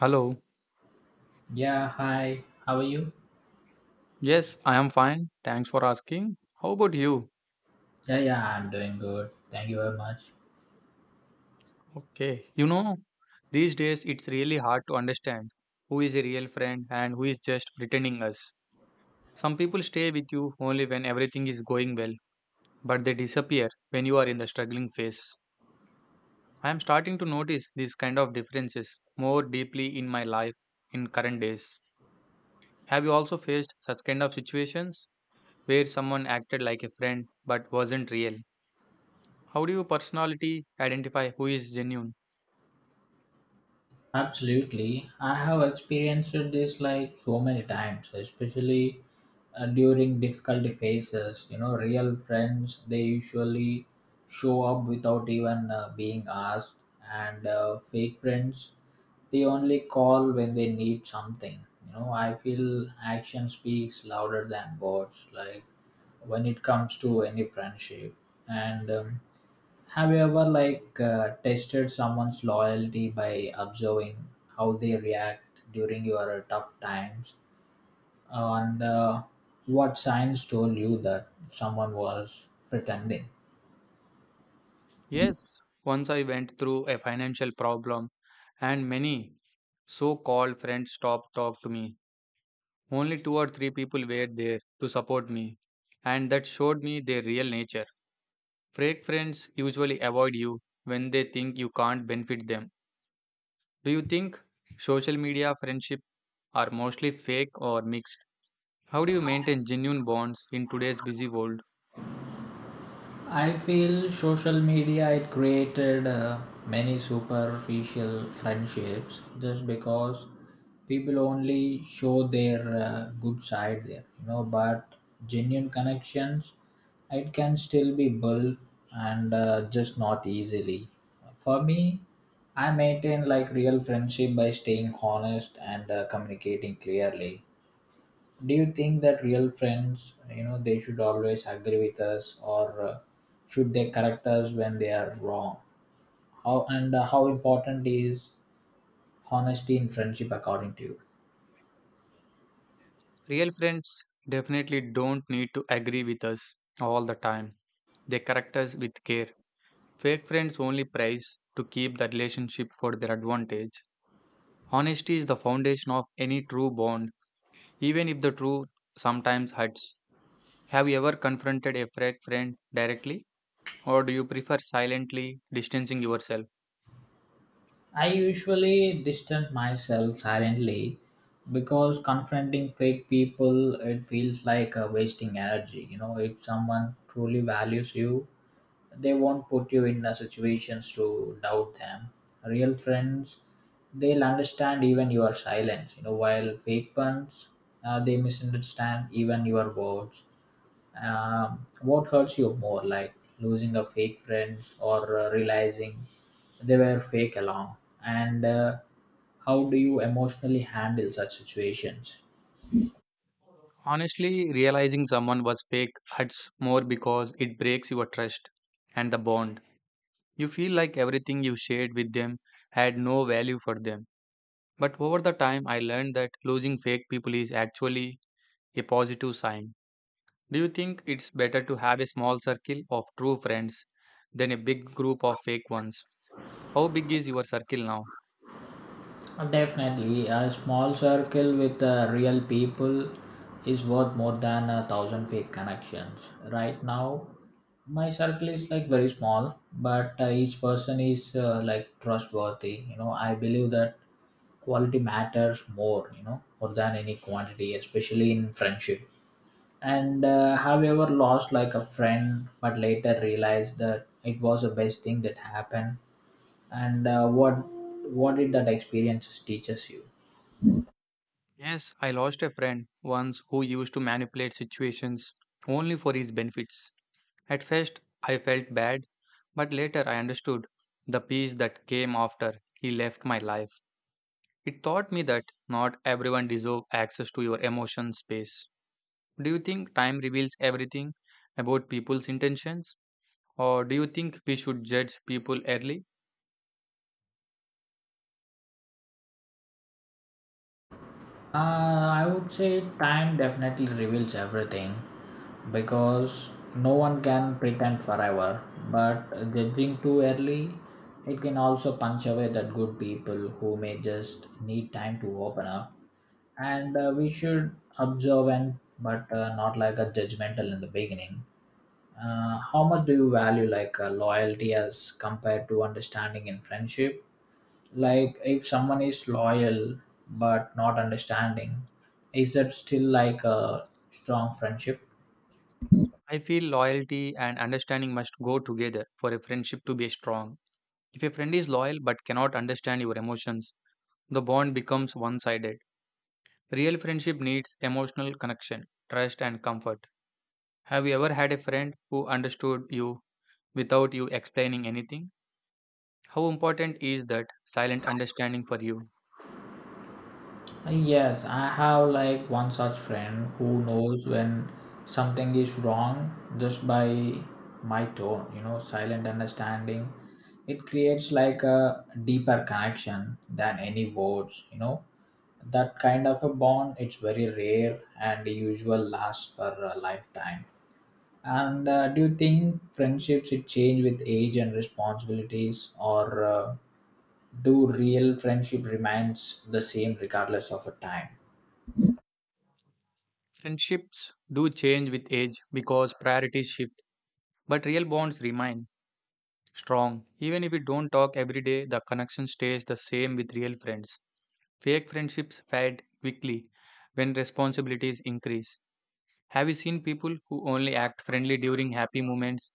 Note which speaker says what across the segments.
Speaker 1: Hello.
Speaker 2: Yeah, hi. How are you?
Speaker 1: Yes, I am fine. Thanks for asking. How about you?
Speaker 2: Yeah, yeah, I'm doing good. Thank you very much.
Speaker 1: Okay. You know, these days it's really hard to understand who is a real friend and who is just pretending us. Some people stay with you only when everything is going well, but they disappear when you are in the struggling phase. I am starting to notice these kind of differences more deeply in my life in current days. Have you also faced such kind of situations where someone acted like a friend but wasn't real? How do you personality identify who is genuine?
Speaker 2: Absolutely. I have experienced this like so many times, especially during difficulty phases. You know, real friends, they usually show up without even being asked, and fake friends, they only call when they need something. You know, I feel action speaks louder than words, like when it comes to any friendship. And Have you ever like tested someone's loyalty by observing how they react during your tough times? And What signs told you that someone was pretending?
Speaker 1: Yes, once I went through a financial problem and many so called friends stopped talk to me. Only two or three people were there to support me and that showed me their real nature. Fake friends usually avoid you when they think you can't benefit them. Do you think social media friendship are mostly fake or mixed? How do you maintain genuine bonds in today's busy world?
Speaker 2: I feel social media it created many superficial friendships just because people only show their good side there, you know. But genuine connections, it can still be built and just not easily. For me, I maintain like real friendship by staying honest and communicating clearly. Do you think that real friends, you know, they should always agree with us, or should they correct us when they are wrong? How, and how important is honesty in friendship according to you?
Speaker 1: Real friends definitely don't need to agree with us all the time. They correct us with care. Fake friends only prize to keep the relationship for their advantage. Honesty is the foundation of any true bond, even if the truth sometimes hurts. Have you ever confronted a fake friend directly, or do you prefer silently distancing yourself?
Speaker 2: I usually distance myself silently because confronting fake people it feels like wasting energy, you know. If someone truly values you, they won't put you in situations to doubt them. Real friends, they'll understand even your silence, you know, while fake ones, they misunderstand even your words. What hurts you more, like losing a fake friend, or realizing they were fake along, and how do you emotionally handle such situations?
Speaker 1: Honestly, realizing someone was fake hurts more because it breaks your trust and the bond. You feel like everything you shared with them had no value for them. But over the time, I learned that losing fake people is actually a positive sign. Do you think it's better to have a small circle of true friends than a big group of fake ones? How big is your circle now?
Speaker 2: Definitely, a small circle with real people is worth more than a thousand fake connections. Right now, my circle is like very small, but each person is like trustworthy. You know, I believe that quality matters more, you know, more than any quantity, especially in friendship. And Have you ever lost like a friend, but later realized that it was the best thing that happened? And What did that experience teaches you?
Speaker 1: Yes, I lost a friend once who used to manipulate situations only for his benefits. At first, I felt bad, but later I understood the peace that came after he left my life. It taught me that not everyone deserves access to your emotion space. Do you think time reveals everything about people's intentions? Or do you think we should judge people early?
Speaker 2: I would say time definitely reveals everything because no one can pretend forever, but judging too early, it can also punch away that good people who may just need time to open up. And We should observe, and but not like a judgmental in the beginning. How much do you value like loyalty as compared to understanding in friendship? Like if someone is loyal but not understanding, is that still like a strong friendship?
Speaker 1: I feel loyalty and understanding must go together for a friendship to be strong. If a friend is loyal but cannot understand your emotions, the bond becomes one sided. Real friendship needs emotional connection, trust, and comfort. Have you ever had a friend who understood you without you explaining anything? How important is that silent understanding for you?
Speaker 2: Yes, I have like one such friend who knows when something is wrong just by my tone, you know, silent understanding. It creates like a deeper connection than any words, you know. That kind of a bond, it's very rare and usual lasts for a lifetime. And Do you think friendships should change with age and responsibilities, or do real friendship remains the same regardless of a time?
Speaker 1: Friendships do change with age because priorities shift, but real bonds remain strong. Even if we don't talk every day, the connection stays the same with real friends. Fake friendships fade quickly when responsibilities increase. Have you seen people who only act friendly during happy moments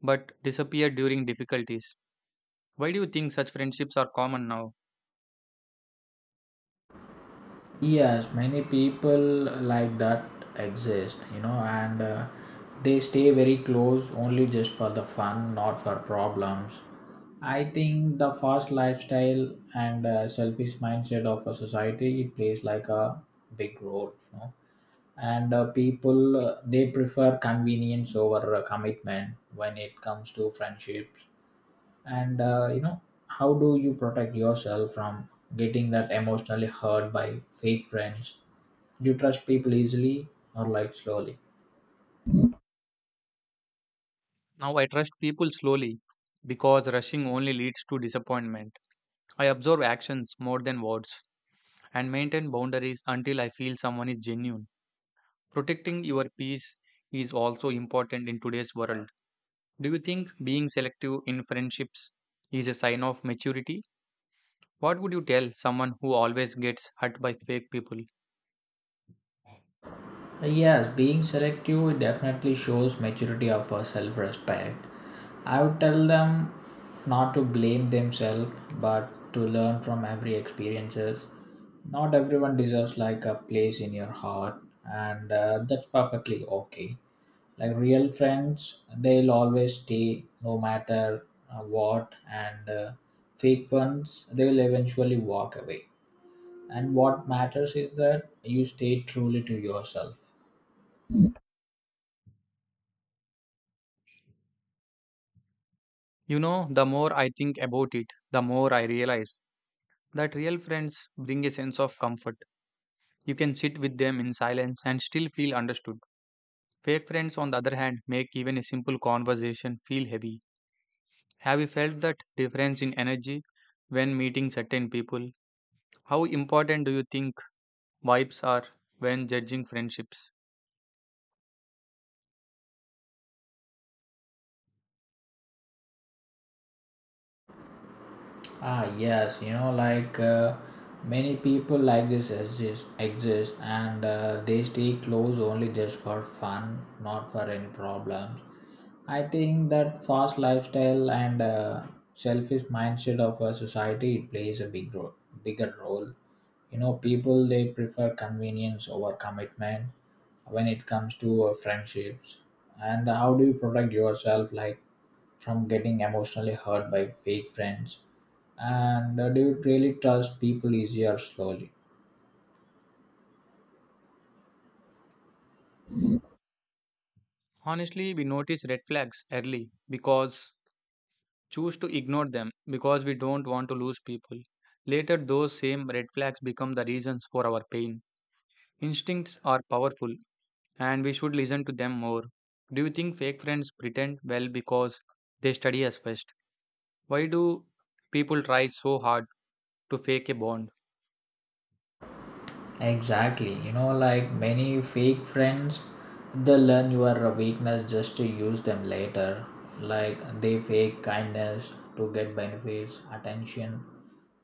Speaker 1: but disappear during difficulties? Why do you think such friendships are common now?
Speaker 2: Yes, many people like that exist, you know, and they stay very close only just for the fun, not for problems. I think the fast lifestyle and selfish mindset of a society it plays like a big role, you know, and people, they prefer convenience over commitment when it comes to friendships, and you know, how do you protect yourself from getting that emotionally hurt by fake friends? Do you trust people easily or like slowly?
Speaker 1: Now I trust people slowly because rushing only leads to disappointment. I observe actions more than words and maintain boundaries until I feel someone is genuine. Protecting your peace is also important in today's world. Do you think being selective in friendships is a sign of maturity? What would you tell someone who always gets hurt by fake people?
Speaker 2: Yes, being selective definitely shows maturity of a self-respect. I would tell them not to blame themselves, but to learn from every experiences. Not everyone deserves like a place in your heart, and that's perfectly okay. Like real friends, they'll always stay no matter what, and fake ones, they'll eventually walk away. And what matters is that you stay truly to yourself.
Speaker 1: You know, the more I think about it, the more I realize that real friends bring a sense of comfort. You can sit with them in silence and still feel understood. Fake friends, on the other hand, make even a simple conversation feel heavy. Have you felt that difference in energy when meeting certain people? How important do you think vibes are when judging friendships?
Speaker 2: Ah, yes, you know, like many people like this exist and they stay close only just for fun, not for any problems. I think that fast lifestyle and selfish mindset of a society it plays a big role, bigger role. You know, people they prefer convenience over commitment when it comes to friendships. And how do you protect yourself, like from getting emotionally hurt by fake friends? And do you really trust people easier slowly?
Speaker 1: Honestly, we notice red flags early because choose to ignore them because we don't want to lose people. Later, those same red flags become the reasons for our pain. Instincts are powerful and we should listen to them more. Do you think fake friends pretend well because they study us first? Why do people try so hard to fake a bond?
Speaker 2: Exactly, you know, like many fake friends, they learn your weakness just to use them later, like they fake kindness to get benefits, attention,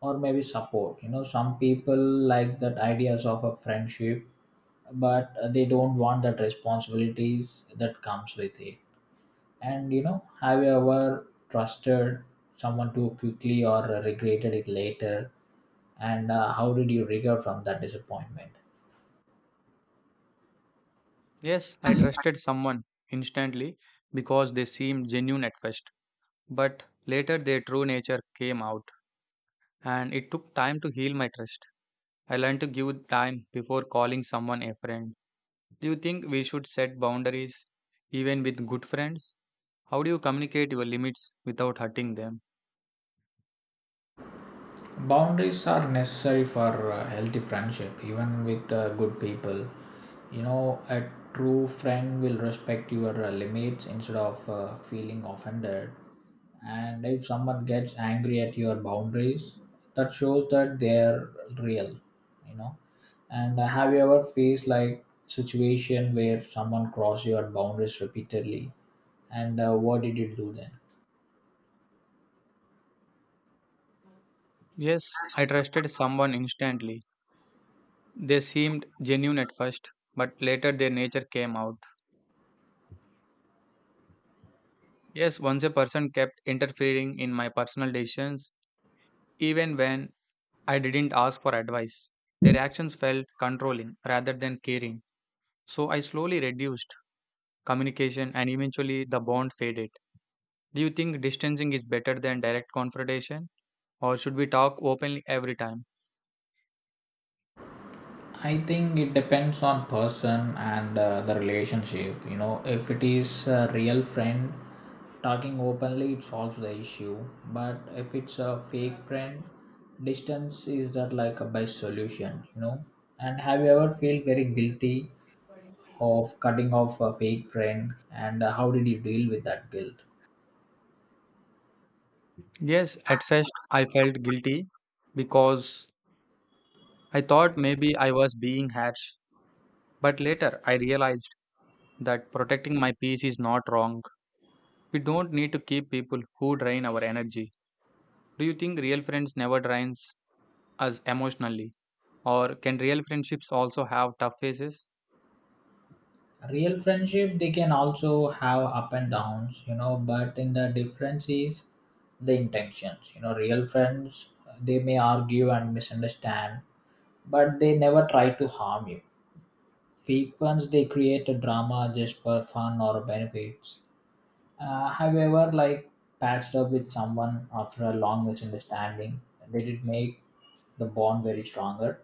Speaker 2: or maybe support. You know, some people like that ideas of a friendship, but they don't want that responsibilities that comes with it. And you know, have you ever trusted someone too quickly or regretted it later? And How did you recover from that disappointment?
Speaker 1: Yes, I trusted someone instantly because they seemed genuine at first, but later their true nature came out, and it took time to heal my trust. I learned to give time before calling someone a friend. Do you think we should set boundaries even with good friends? How do you communicate your limits without hurting them?
Speaker 2: Boundaries are necessary for healthy friendship, even with good people. You know, a true friend will respect your limits instead of feeling offended. And if someone gets angry at your boundaries, that shows that they're real, you know. And have you ever faced like situation where someone crossed your boundaries repeatedly, and what did you do then?
Speaker 1: Yes, I trusted someone instantly. They seemed genuine at first, but later their nature came out. Yes, once a person kept interfering in my personal decisions. Even when I didn't ask for advice, their actions felt controlling rather than caring. So I slowly reduced communication and eventually the bond faded. Do you think distancing is better than direct confrontation or should we talk openly every time?
Speaker 2: I think it depends on person and the relationship. You know, if it is a real friend, talking openly it solves the issue. But if it's a fake friend, distance is that like a best solution. You know, and have you ever felt very guilty of cutting off a fake friend? And How did you deal with that guilt?
Speaker 1: Yes, at first I felt guilty because I thought maybe I was being harsh. But later I realized that protecting my peace is not wrong. We don't need to keep people who drain our energy. Do you think real friends never drains us emotionally? Or can real friendships also have tough phases?
Speaker 2: Real friendship they can also have up and downs, you know, but in the difference is the intentions. You know, real friends, they may argue and misunderstand, but they never try to harm you. Fake ones, they create a drama just for fun or benefits. Have you ever like patched up with someone after a long misunderstanding? Did it make the bond very stronger?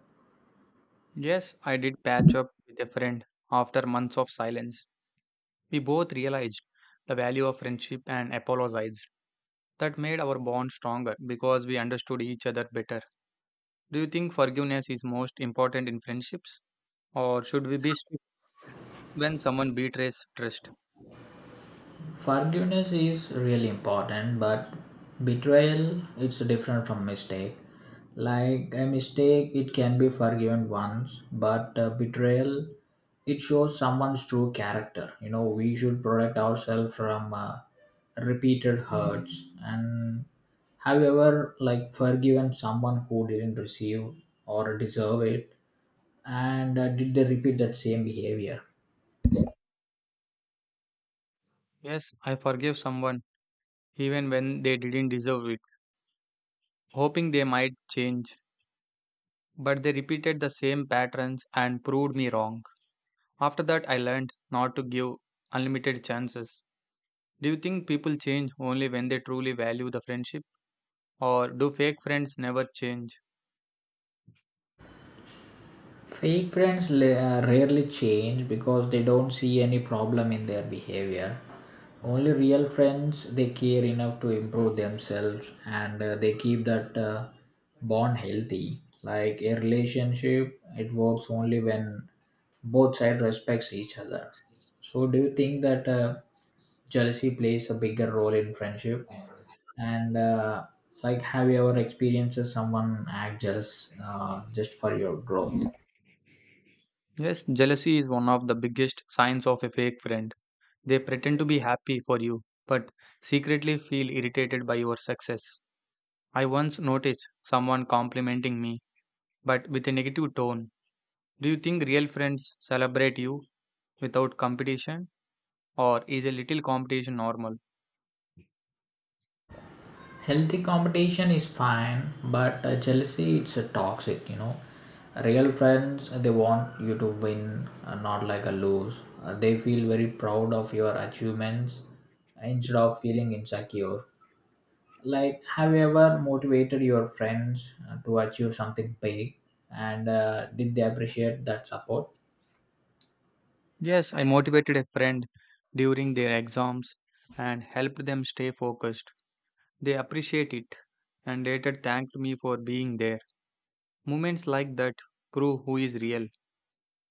Speaker 1: Yes, I did patch up with a friend after months of silence. We both realized the value of friendship and apologized. That made our bond stronger because we understood each other better. Do you think forgiveness is most important in friendships? Or should we be strict when someone betrays trust?
Speaker 2: Forgiveness is really important, but betrayal it's different from mistake. Like a mistake, it can be forgiven once, but betrayal it shows someone's true character. You know, we should protect ourselves from repeated hurts. And have you ever like forgiven someone who didn't receive or deserve it, and did they repeat that same behavior?
Speaker 1: Yes, I forgive someone even when they didn't deserve it, hoping they might change. But they repeated the same patterns and proved me wrong. After that, I learned not to give unlimited chances. Do you think people change only when they truly value the friendship, or do fake friends never change?
Speaker 2: Fake friends rarely change because they don't see any problem in their behavior. Only real friends they care enough to improve themselves, and they keep that bond healthy. Like a relationship, it works only when both sides respects each other. So, do you think that jealousy plays a bigger role in friendship? And Like, have you ever experienced someone act jealous just for your growth?
Speaker 1: Yes, jealousy is one of the biggest signs of a fake friend. They pretend to be happy for you, but secretly feel irritated by your success. I once noticed someone complimenting me, but with a negative tone. Do you think real friends celebrate you without competition, or is a little competition normal?
Speaker 2: Healthy competition is fine, but jealousy it's a toxic, you know. Real friends they want you to win, not like a lose. They feel very proud of your achievements instead of feeling insecure. Like, have you ever motivated your friends to achieve something big, and did they appreciate that support?
Speaker 1: Yes, I motivated a friend during their exams and helped them stay focused. They appreciate it and later thanked me for being there. Moments like that prove who is real.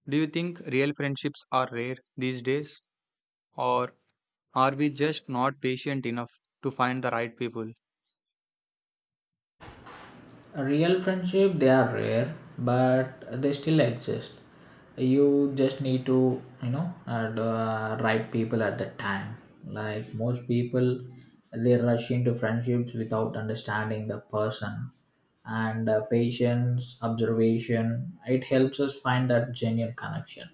Speaker 1: Do you think real friendships are rare these days, or are we just not patient enough to find the right people?
Speaker 2: Real friendship they are rare, but they still exist. You just need to, you know, the right people at the time. Like most people, they rush into friendships without understanding the person, and patience observation it helps us find that genuine connection.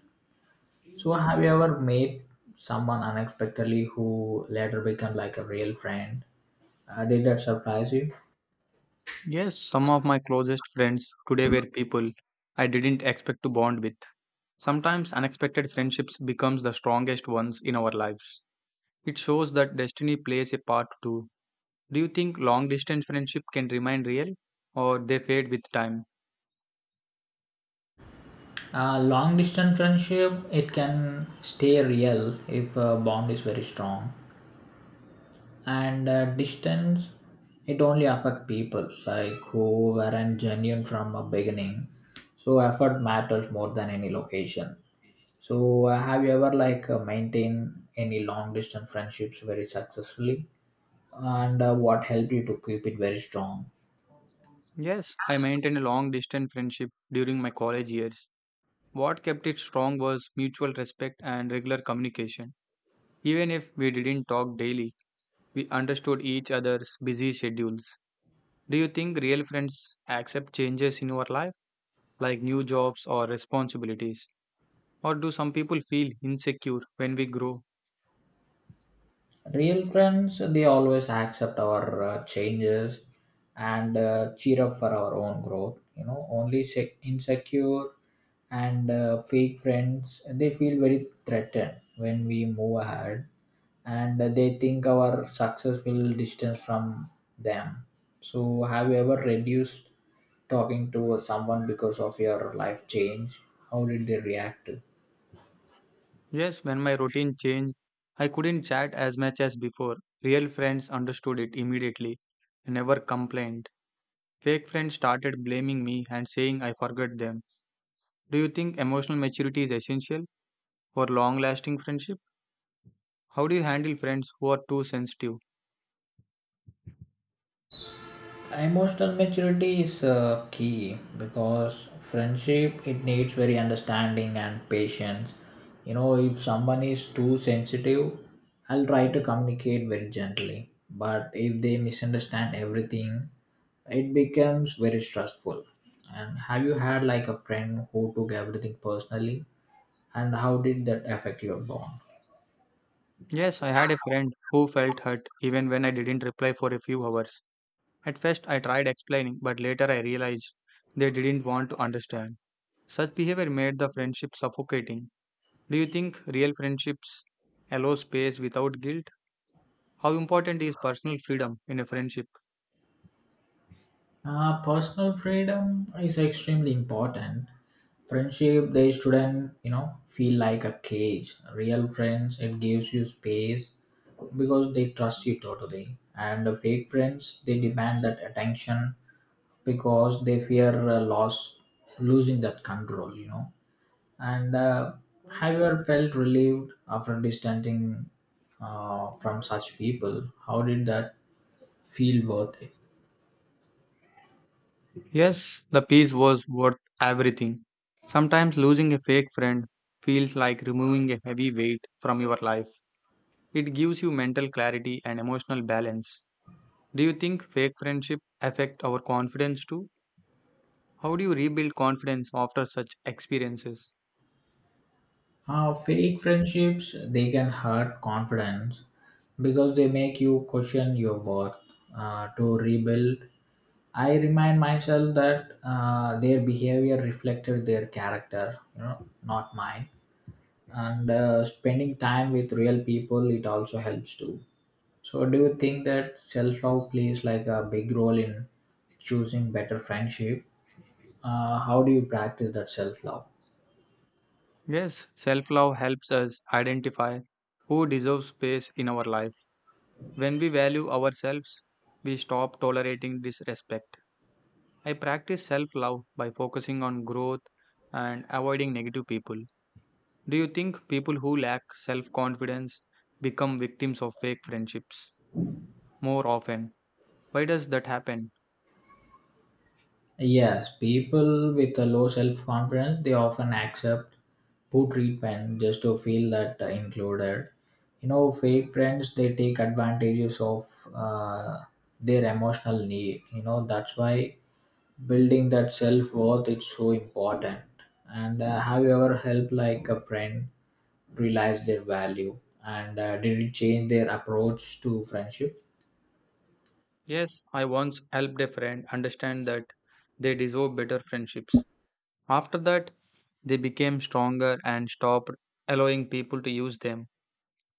Speaker 2: So have you ever met someone unexpectedly who later became like a real friend? Did that surprise you?
Speaker 1: Yes, some of my closest friends today were people I didn't expect to bond with. Sometimes unexpected friendships becomes the strongest ones in our lives. It shows that destiny plays a part too. Do you think long distance friendship can remain real or they fade with time?
Speaker 2: Long distance friendship it can stay real if bond is very strong, and distance it only affect people like who weren't genuine from a beginning. So effort matters more than any location. So have you ever like maintained any long distance friendships very successfully, and what helped you to keep it very strong?
Speaker 1: Yes, I maintained a long distance friendship during my college years. What kept it strong was mutual respect and regular communication. Even if we didn't talk daily, we understood each other's busy schedules. Do you think real friends accept changes in your life, like new jobs or responsibilities? Or do some people feel insecure when we grow?
Speaker 2: Real friends, they always accept our changes and cheer up for our own growth. You know, only insecure and fake friends, they feel very threatened when we move ahead, and they think our success will distance from them. So, have you ever reduced talking to someone because of your life change? How did they react to?
Speaker 1: Yes, when my routine changed, I couldn't chat as much as before. Real friends understood it immediately, never complained. Fake friends started blaming me and saying I forgot them. Do you think emotional maturity is essential for long lasting friendship? How do you handle friends who are too sensitive?
Speaker 2: Emotional maturity is key because friendship it needs very understanding and patience. You know, if someone is too sensitive, I'll try to communicate very gently. But if they misunderstand everything, it becomes very stressful. And have you had like a friend who took everything personally, and how did that affect your bond?
Speaker 1: Yes, I had a friend who felt hurt even when I didn't reply for a few hours. At first, I tried explaining, but later I realized they didn't want to understand. Such behavior made the friendship suffocating. Do you think real friendships allow space without guilt? How important is personal freedom in a friendship?
Speaker 2: Personal freedom is extremely important. Friendship, they shouldn't, you know, feel like a cage. Real friends, it gives you space because they trust you totally. And the fake friends, they demand that attention because they fear loss, losing that control, you know. And have you ever felt relieved after distancing from such people? How did that feel worth it?
Speaker 1: Yes, the peace was worth everything. Sometimes losing a fake friend feels like removing a heavy weight from your life. It gives you mental clarity and emotional balance. Do you think fake friendship affect our confidence too? How do you rebuild confidence after such experiences?
Speaker 2: Fake friendships they can hurt confidence because they make you question your worth. To rebuild, I remind myself that their behavior reflected their character, you know, not mine. And Spending time with real people it also helps too. So, do you think that self love plays like a big role in choosing better friendship? How do you practice that self love?
Speaker 1: Yes, self-love helps us identify who deserves space in our life. When we value ourselves, we stop tolerating disrespect. I practice self love by focusing on growth and avoiding negative people. Do you think people who lack self confidence become victims of fake friendships more often? Why does that happen?
Speaker 2: Yes, people with a low self confidence they often accept poor treatment just to feel that included. Fake friends they take advantages of uh, their emotional need. You know that's why building that self worth is so important. And Have you ever helped like a friend realize their value? And Did it change their approach to friendship?
Speaker 1: Yes, I once helped a friend understand that they deserve better friendships. After that, they became stronger and stopped allowing people to use them.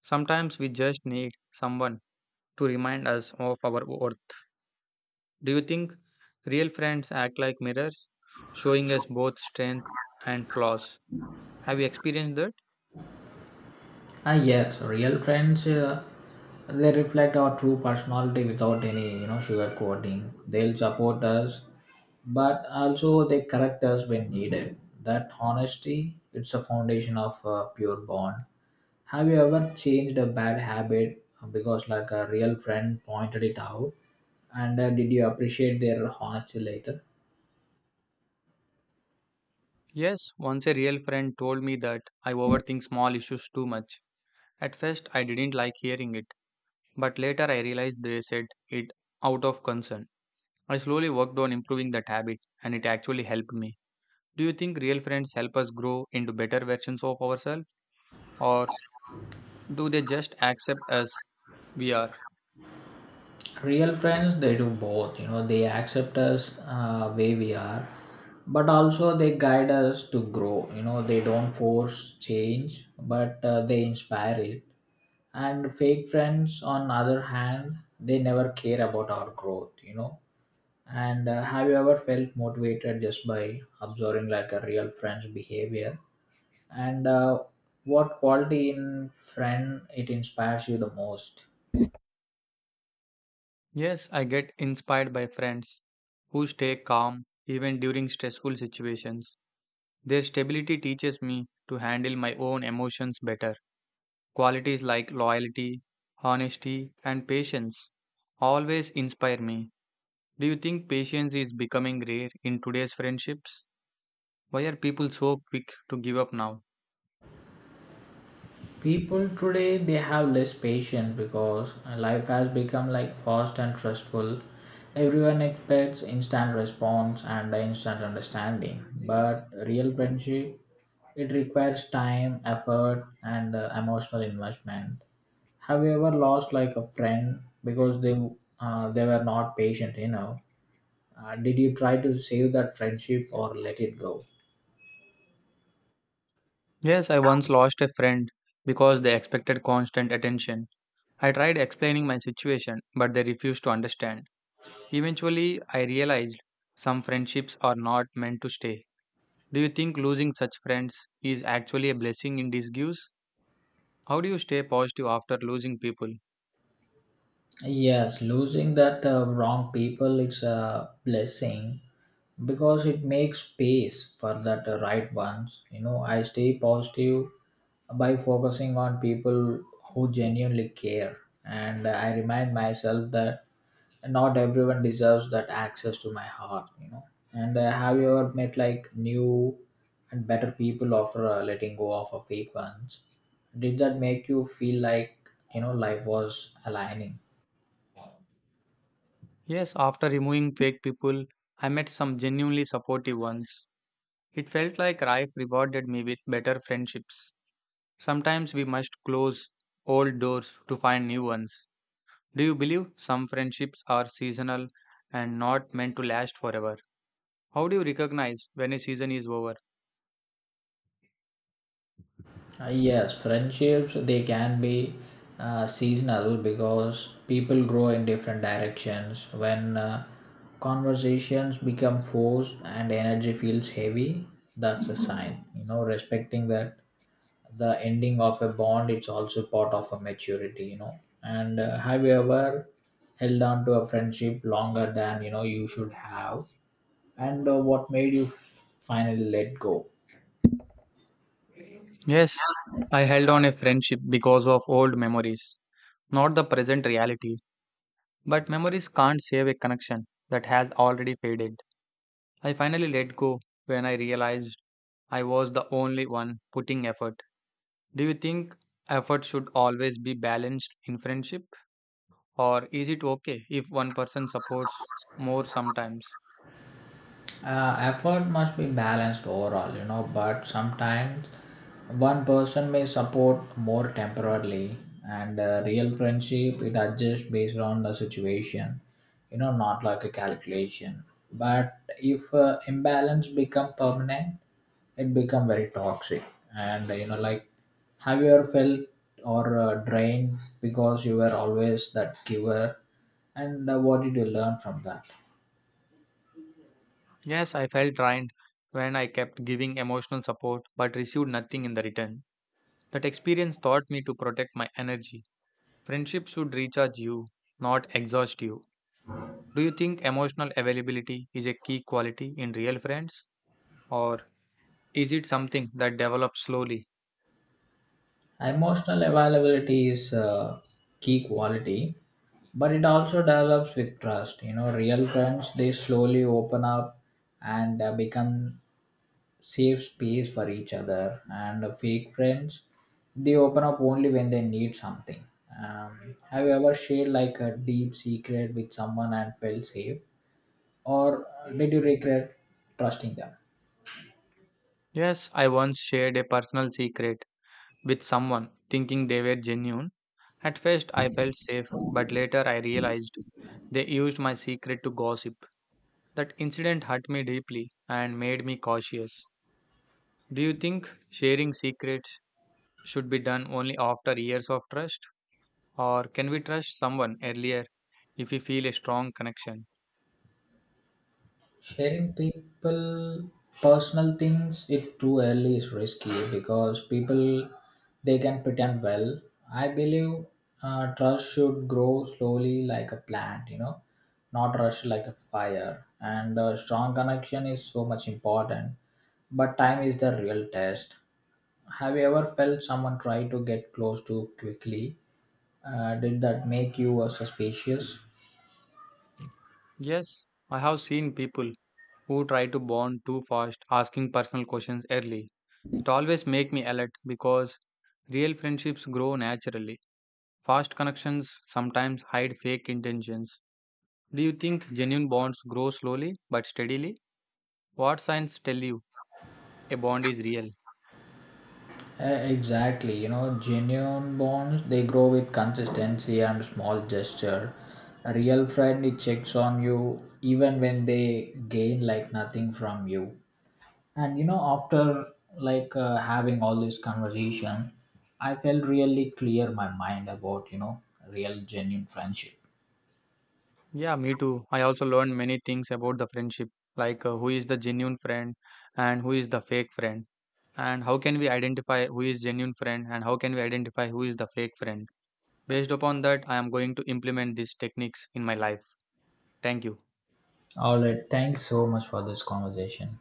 Speaker 1: Sometimes we just need someone to remind us of our worth. Do you think real friends act like mirrors, showing us both strengths and flaws? Have you experienced that?
Speaker 2: Yes, real friends, they reflect our true personality without any, you know, sugarcoating. They'll support us, but also they correct us when needed. That honesty, it's a foundation of a pure bond. Have you ever changed a bad habit because, like, a real friend pointed it out? And Did you appreciate their honesty later?
Speaker 1: Yes, once a real friend told me that I overthink small issues too much. At first, I didn't like hearing it, but later I realized they said it out of concern. I slowly worked on improving that habit, and it actually helped me. Do you think real friends help us grow into better versions of ourselves, or do they just accept us we are?
Speaker 2: Real friends they do both, you know, they accept us way we are, but also they guide us to grow. You know they don't force change, but they inspire it. And fake friends on other hand they never care about our growth, you know and have you ever felt motivated just by observing like a real friend's behavior, and what quality in friend it inspires you the most?
Speaker 1: Yes, I get inspired by friends who stay calm even during stressful situations. Their stability teaches me to handle my own emotions better. Qualities like loyalty, honesty, and patience always inspire me. Do you think patience is becoming rare in today's friendships? Why are people so quick to give up now?
Speaker 2: People today they have less patience because life has become like fast and stressful. Everyone expects instant response and instant understanding, but real friendship it requires time, effort, and emotional investment. Have you ever lost like a friend because they were not patient enough? Did you try to save that friendship or let it go?
Speaker 1: Yes, I once lost a friend because they expected constant attention. I tried explaining my situation, but they refused to understand. Eventually, I realized some friendships are not meant to stay. Do you think losing such friends is actually a blessing in disguise? How do you stay positive after losing people?
Speaker 2: Yes, losing that wrong people it's a blessing because it makes space for that right ones. You know, I stay positive by focusing on people who genuinely care, and I remind myself that not everyone deserves that access to my heart. You know, and Have you ever met like new and better people after letting go of a fake ones? Did that make you feel like, you know, life was aligning?
Speaker 1: Yes, after removing fake people, I met some genuinely supportive ones. It felt like life rewarded me with better friendships. Sometimes we must close old doors to find new ones. Do you believe some friendships are seasonal and not meant to last forever? How do you recognize when a season is over?
Speaker 2: Yes, friendships they can be seasonal because people grow in different directions. When conversations become forced and energy feels heavy, that's a sign. You know, respecting that the ending of a bond, it's also part of a maturity. You know, and Have you ever held on to a friendship longer than, you know, you should have, and what made you finally let go?
Speaker 1: Yes, I held on a friendship because of old memories, not the present reality. But memories can't save a connection that has already faded. I finally let go when I realized I was the only one putting effort. Do you think effort should always be balanced in friendship, or is it okay if one person supports more sometimes?
Speaker 2: Effort must be balanced overall, you know, but sometimes one person may support more temporarily, and real friendship it adjusts based on the situation, you know, not like a calculation. But if imbalance become permanent, it become very toxic. And, have you ever felt or drained because you were always that giver, and what did you learn from that?
Speaker 1: Yes, I felt drained when I kept giving emotional support but received nothing in the return. That experience taught me to protect my energy. Friendship should recharge you, not exhaust you. Do you think emotional availability is a key quality in real friends, or is it something that develops slowly?
Speaker 2: Emotional availability is a key quality, but it also develops with trust. You know, real friends they slowly open up and become safe space for each other, and fake friends they open up only when they need something. Have you ever shared like a deep secret with someone and felt safe, or did you regret trusting them?
Speaker 1: Yes, I once shared a personal secret with someone thinking they were genuine. At first, I felt safe, but later I realized they used my secret to gossip. That incident hurt me deeply and made me cautious. Do you think sharing secrets should be done only after years of trust? Or can we trust someone earlier if we feel a strong connection?
Speaker 2: Sharing people personal things it too early is risky because people they can pretend well. I believe trust should grow slowly like a plant, you know, not rush like a fire. And a strong connection is so much important, but time is the real test. Have you ever felt someone try to get close too quickly? Did that make you suspicious?
Speaker 1: Yes, I have seen people who try to bond too fast asking personal questions early. It always make me alert because real friendships grow naturally. Fast connections sometimes hide fake intentions. Do you think genuine bonds grow slowly but steadily? What signs tell you a bond is real?
Speaker 2: Exactly, you know, genuine bonds they grow with consistency and small gesture. A real friend it checks on you even when they gain like nothing from you. And you know, after having all this conversation, I felt really clear my mind about, you know, real genuine friendship.
Speaker 1: Yeah, me too. I also learned many things about the friendship, like who is the genuine friend and who is the fake friend. And how can we identify who is genuine friend and how can we identify who is the fake friend based upon that. I am going to implement these techniques in my life. Thank you.
Speaker 2: All right, thanks so much for this conversation.